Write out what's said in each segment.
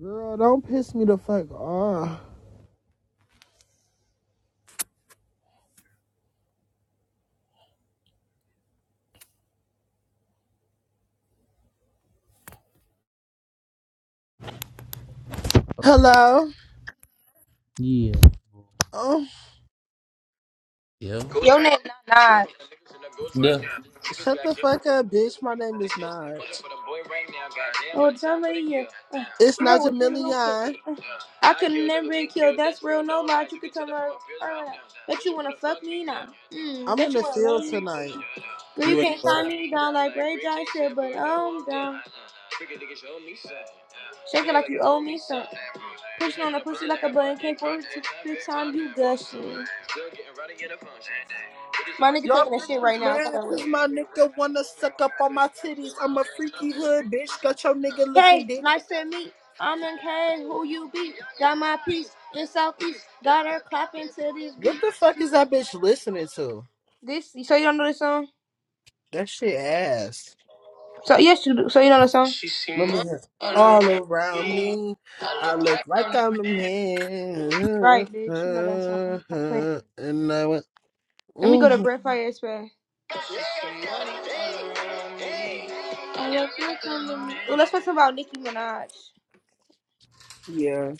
Girl, don't piss me the fuck off. Hello? Yeah. Oh, Yep. Your name not Nas. shut the fuck up, bitch. My name is Naj. Oh, John right here. Uh, It's girl, what you looking? Najamillion. Uh, I could have never been killed. That's real. No lies. You could tell her. her Bet you wanna fuck me now. Mm, I'm in bet you the wanna love field me. tonight. girl, you You at can't tie work? me down like Ray J said, but I'm down. Shake it like you owe me something. Pushing on the pussy like a button. Can't force it to the time you gushing. My nigga Y'all taking a shit bitches right now. So I mad gotta wait. because my nigga wanna suck up on my titties. I'm a freaky hood, bitch. Got your nigga looking Hey, dead. nice to meet. I'm in K, who you be? Got my piece in Southeast. Got her clapping to this What beat. the fuck is that bitch listening to? This, so you don't know this song? That shit ass. So yes, you do. So you know the song? She see Let me my- hear. All around me, I I look like look like I'm- I'm a man. Right, bitch. You know that song. Stop playing. And I went. Let me go mm-hmm. to Breath Fire Express. I look like I'm Well, let's talk about Nicki Minaj. Yeah.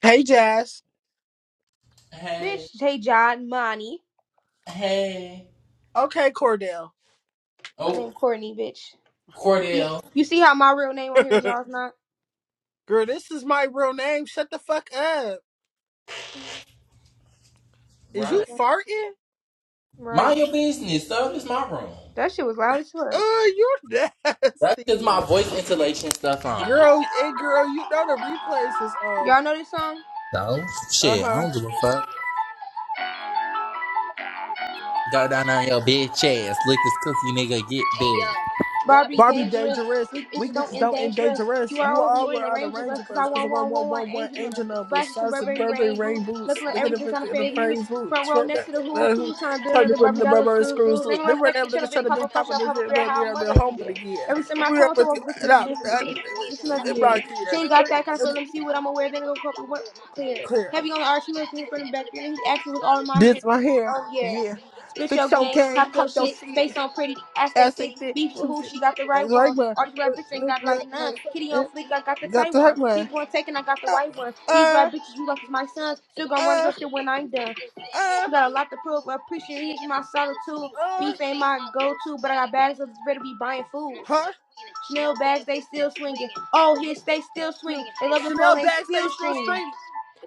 Hey, Jazz. Hey, Bitch, hey John, money. hey. Okay, Cordell. My name Oh, Courtney, bitch. You see Cordell. you see how my real name on here, y'all's not? Girl, this is my real name. Shut the fuck up. Is you Right. Okay. farting? Right. Mind your business, though. This my room. That shit was loud as Uh, fuck. you're That's just nasty. my voice insulation stuff on. Girl, hey, girl, you know the replays is on. Y'all know this song? So, Uh shit, I huh. don't give a fuck. Go down on your bitch ass. Lick this cookie nigga, get big. Barbie Barbie dangerous. dangerous. This bitch Weak don't bitches end don't end dangerous. You dangerous. are You over, you all ain't were a on the ranger range left. of Cause I us because want of one, one, one 1111 angel numbers. angel numbers, Flashes some sauce and Burberry Burberry rain boots. rain boots. Looking like Look at the everything's first on a the fade news. phrase Front boots. row Sweat next that, to the that, who's that, who. who Trying to do trying another to put Barbie the dollar Burberry screw screws fools. Then loose. They we're were back each never other, niggas big trying to be papa, push popping up, the papa video bear, down how there mother their of home the year. again. Every summer If I we come ever to do work with that, this that, bitch. It's another it year. brought She clear. ain't got Hurt, that kind of let it- me see what I'm aware. Then go corporate work clear. clear. Heavy on the arch, he was me from the back there. He actually was all in my hair. This my hair. Oh yeah. yeah. Spit your Fix your game, game, pop your pop your shit, shit, face on pretty, ass they ass thick, ain't thick, beef with choose who, it. she got the That's right right, one. man. All these rap bitches ain't Like, got like none. like, Kitty like, on fleek, I got the got tight the one. right one. Pink one taken, I got the uh, white one. These rap uh, bitches you like is my sons, still gonna run it uh, up here when I'm done. uh, You got a lot to prove, but appreciate it, my solitude. uh, Beef ain't my go-to, but I got bags of better be buying food. huh? Chanel bags, they still swinging. Oh, hits, they still The swinging. They love the flow, Chanel they still backstage still streaming. streaming.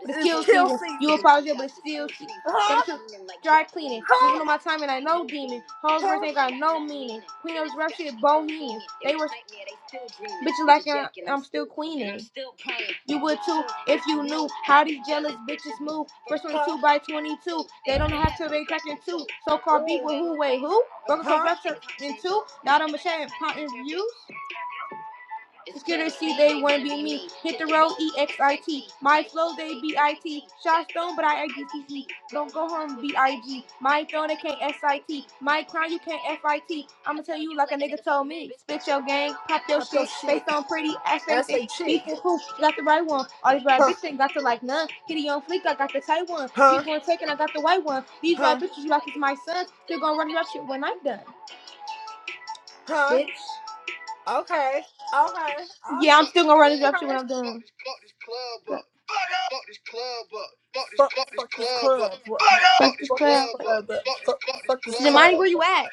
It's It is kill kill season. You will season. probably be able to steal. Gotta Huh? some dry cleaning. Moving Huh? on my time and I know demon. Hogwarts Huh? ain't got no meaning. Queen of rap shit, bohemian. They were bitches like I- I'm still queening. You would too if you knew how these jealous bitches move. First Huh? 22 by 22. They don't have to they cracking two. So called beef Ooh. with who? Wait, who? Broken Huh? corruption in two. Not on machine, pot in view. Skittersy, they want to be me. Hit the road, E-X-I-T. My flow, they B-I-T. Shot stone, but I A-B-C-C. Don't go home, B-I-G. My throne, they can't S-I-T. My crown, you can't F-I-T. I'ma tell you like a nigga told me. Spit your gang, pop your Pop your shit. Face shit. on pretty, ass fake That's thick. a chick. People who got the right one. All these right Huh? bitches ain't got to like none. Kitty on fleek, I got the tight one. Huh? People on taking, I got the white one. These right Huh? bitches, you like is my sons. Still gonna run it up shit when I'm done. Huh? Bitch. Okay. Okay. Yeah, Okay. I'm still gonna run it up shit when Okay. I'm done. Fuck, fuck this club. What Fuck this fuck this club club. uh, Fuck, fuck this Zamani, club. where you at?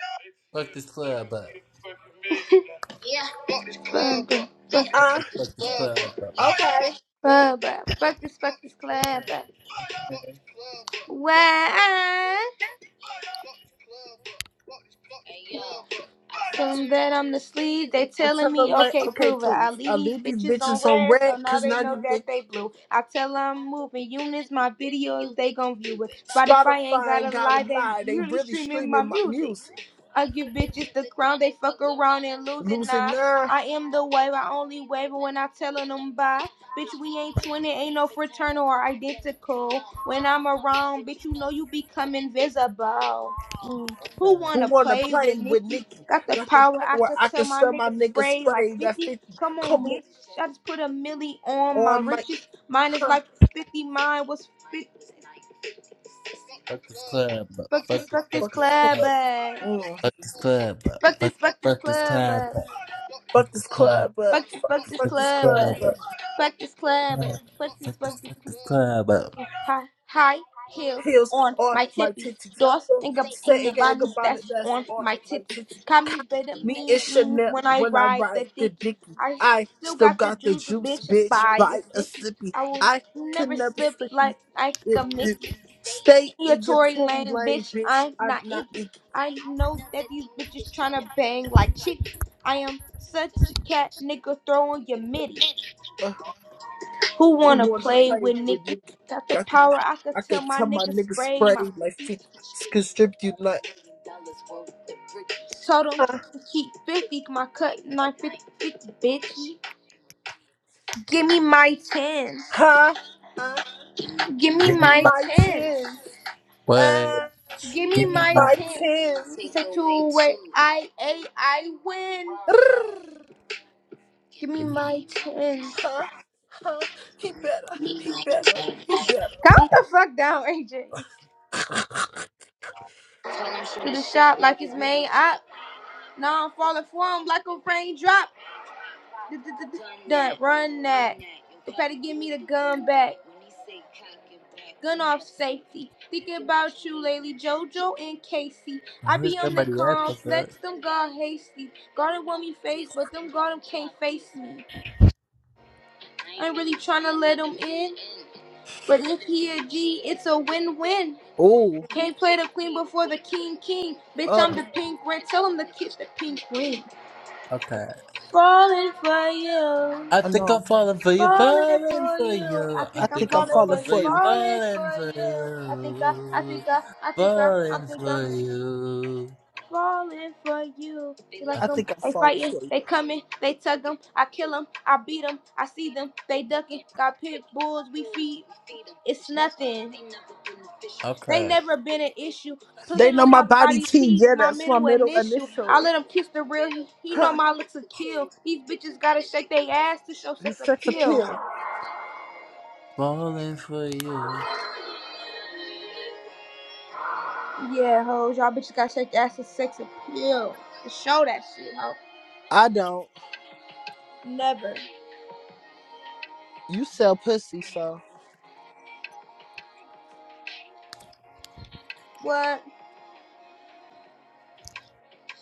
Fuck this club up. Fuck this club up. Ah, Fuck this club up. uh, Walk okay. Fuck this, fuck this club Why? From that I'm the sleeve, they I telling tell me, them like, okay, okay, prove it. I please. leave I these leave these bitches on bitches on red, so red, now cause they not know even. that they blue. I tell 'em I'm moving units, my videos, they gon' view it. Spotify ain't Spotify ain't gotta got lie, to they lie. They really really streaming my streaming my music. music. I give bitches the crown, they fuck around and lose it Lucy now. Nine, I am the wave, I only wave when I tellin' them bye. Bitch, we ain't twin, ain't no fraternal or identical. When I'm around, bitch, you know you become invisible. Mm. out. Who who wanna wanna play play with with Nicki? Nikki? Got the Got the power. I power. could I tell can my sell my nigga nigga spray like spray that 50. 50. Come on, Come bitch. I just put a milli on my on, my riches. Mine is huh? like 50. Mine was 50. Fuck this club up. Fuck this, Fuck this, fuck this fuck Fuck this this club, club. club. up. Mm. Fuck this club up. Fuck Fuck, this, fuck this fuck this club, club up. up. Fuck Fuck this this club. club, but Fuck this, fuck, fuck this Fuck fuck this this club, club up. club. up. Fuck this club, up. Fuck this, Fuck fuck this this, fuck this club up. hi- high heels heels on on my my tippies. titties. Doors Go think of Say again bonnets about it, that's that's on on my my titties. titties. Call Cop me better me and mean means Chanel when I when I ride the ride the dicky. dicky. I I still still got the got the juice, juice, bitch, bitch. by a Bite a sippy. sippy. I will I never can never slip sippy. like like It, a it. Mickey. Stay Your in your Tory Tory Lane, lane, bitch, bitch. I'm I'm not not Iggy. icky. I know that these bitches tryna bang like chick. I am such a cat nigga throwing your midi. Uh, Who who wanna wanna play play with with Nikki? nigga? Got the Got the power, pop. I could I tell could my tell my niggas nigga spray my sprayed like fifty. 50 you like, Told them huh? to keep 50, my cut knife 50, 50, bitch. Give me my tens. Huh? Uh, Give me give Give me me my my my tens. chance. what? Uh, Give me give Give me me my my. my 10. tins. Take two away, I, A, I win. Give me my tens. Huh? Huh? He better. He better. He Calm better. the fuck down, AJ. To the shop like it's made up. Now I'm falling for him like a raindrop. Done, run that. You better give me the gun back. Gun off safety. Thinking about you lately, JoJo and Casey. I Where's be on the everybody at the fuck? complex, them God hasty. God don't want me face, but them God them can't face me. I ain't really trying to let him in, but if he a G, it's a win-win. Oh, Can't play the queen before the king, king. Bitch, I'm uh, the pink ring. Tell him to kiss the pink ring. Okay. Falling for you. I I know think I'm falling I'm falling for for you, you. Falling falling for for you, you. I I think I I'm think think I'm I'm falling for falling falling you, for for you, you. falling for falling for you. I think I, I think you, I, I think I, I falling think I'm for you. falling for you. They I like I think. 'em, think I'm they falling fighting, for you. they coming, they tug 'em. I kill 'em, I beat 'em, I see them, they ducking. Got pit bulls, we feed, it's nothing. They Okay. never been an issue. They Pussing know on my my body body, T. he Yeah, my that's my middle an middle issue. I initial. let him kiss the real, he, he know Huh? my looks a kill. These bitches gotta shake their ass to show sex His sex appeal. appeal. Falling for you. Yeah, hoes, y'all bitches gotta shake your ass to sex appeal. Show that shit, ho. I don't. Never. You sell pussy, so What?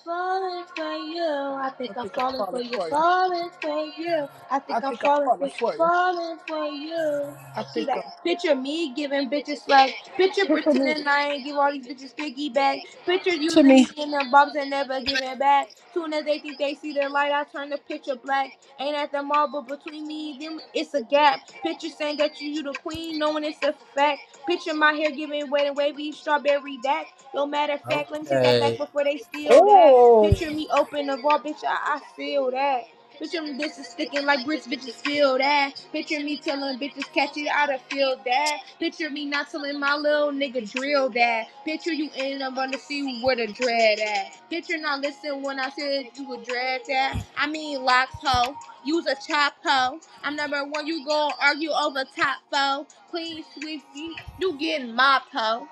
Falling for you, I think I I'm think I'm falling for falling you, for you. falling for you. I think I I'm think I'm falling for falling you, for you. falling for you. I See think that? I'm. Picture me giving bitches love. Picture Picture me. pretending I ain't give all these bitches piggyback. Picture Picture using me. me in them bumps and never giving back. Soon as they think they see the light, I turn the picture black. Ain't at the mall, but between me and them, it's a gap. Picture saying that you, you the queen, knowing it's a fact. Picture my hair giving wet and wavy strawberry that. Yo, matter of fact, let me take that back Okay. before they steal that. Oh. Picture me open the vault, bitch, I, I feel that. Picture me bitches sticking like bricks, bitches feel that. Picture me telling bitches catch it, I'da feel that. Picture me not telling my little nigga drill that. Picture you in up on the sea where the dread at. Picture not listen when I said you would dread that. I mean locks hoe, use a chop hoe. I'm number one, you gon' argue over top foe. Clean sweep, you, you getting mopped hoe.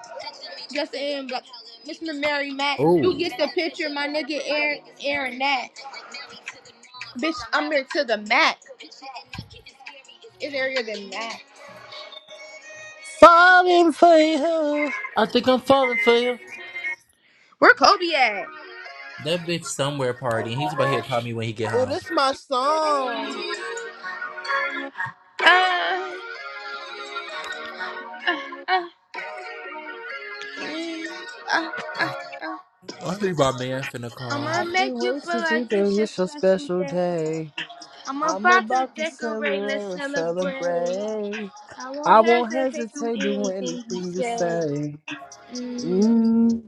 Just in, but Mr. Mary Mack, you Oh. get the picture, my nigga Aaron Aaron Mack. Bitch, I'm here to the Mac. It's earlier than that. Falling for you. I think I'm falling for you. Where Kobe at? That bitch somewhere partying. He's about here to call me when he get Oh, home. this my song. Uh, uh, I think my man finna call. I'ma I make can't you wait feel to see like that it's your it's your special special day. day. I'm I'm about to about to decorate, let's celebrate and celebrate. celebrate. I I won't won't hesitate to hesitate to do anything you anything you say. say. mm mm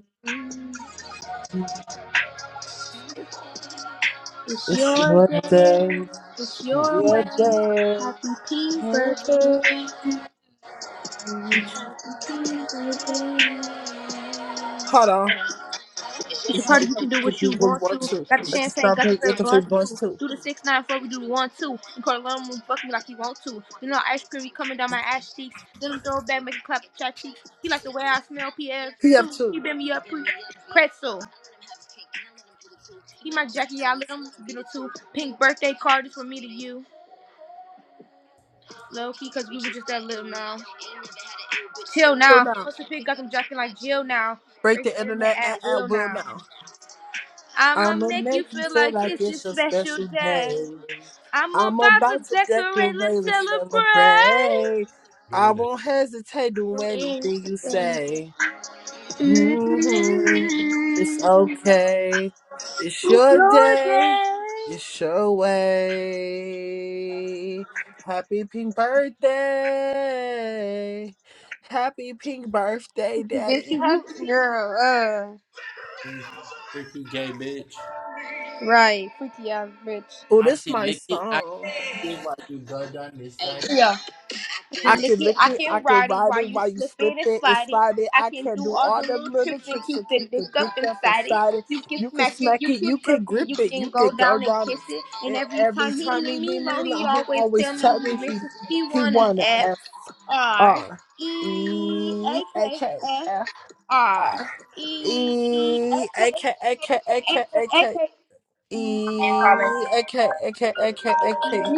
It's It's your your day, day. it's your Your way. day. Happy P Your birthday. day. It's Hold on. it's your If y'all party. You can do fucking what do you one want more to. too, Got the got to champagne, start got the paying, got favorite to pay blunt bus too. too. Do the six nine four, we do the one two. You call alone, fuck me like you want to. You know ice cream be coming down my ass cheeks. Let him throw it back, make a clap at your cheeks. He like the way I smell PF He have too. He two. bend me up pre pretzel. He my Jackie, I let him get it too. Pink birthday card is from me to you. Low key, cause we were just that little now. Till So now, now. what's the pig got them jacking like Jill now? Break Break the the internet internet at, at at will will now. now. I'ma I'ma make make you you feel feel like like it's your it's your special special day. day. I'm I'm about to about to decorate, decorate let's and celebrate. celebrate. I won't hesitate to do Mm, anything you say. hmm It's okay. It's your Your day. day. It's your way. Happy pink birthday. Happy pink birthday, Bitch, daddy. you Happy. girl, uh, Freaky gay bitch. right, freaky ass bitch. Oh, I this can my lick it. song. Why you go down this side? Yeah. Then I can Nikki, lick I it, I can can ride it ride while it you while you slip it slip and it and slide it. slide it. I I can can do do all the all little them little tricks and tricks keep to the keep the dick dick up up inside it. inside it. You can You can smack it, smack you it, can you grip can it, grip you it, can you go can go down and down kiss it. it. And And every every time he time he leave me leave me alone, he alone, he always always tell me tell he me he misses. He he wanna wanna F F R R E A E A K K F F R R E E A K A K A K A A K K. E A K A K A K A K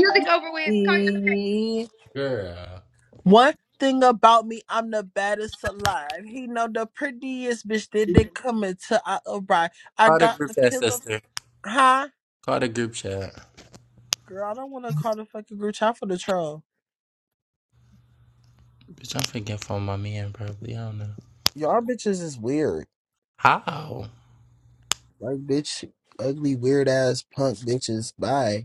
E Girl. One thing about me, I'm the baddest alive. He know the prettiest bitch didn't come until I arrived. I Call the got group a chat, killer. sister. Huh? Call the group chat. Girl, I don't want to call the fucking group chat for the troll. Bitch, I'm forgetting for my man, probably. I don't know. Y'all bitches is weird. How? Like bitch, ugly, weird ass punk bitches. Bye.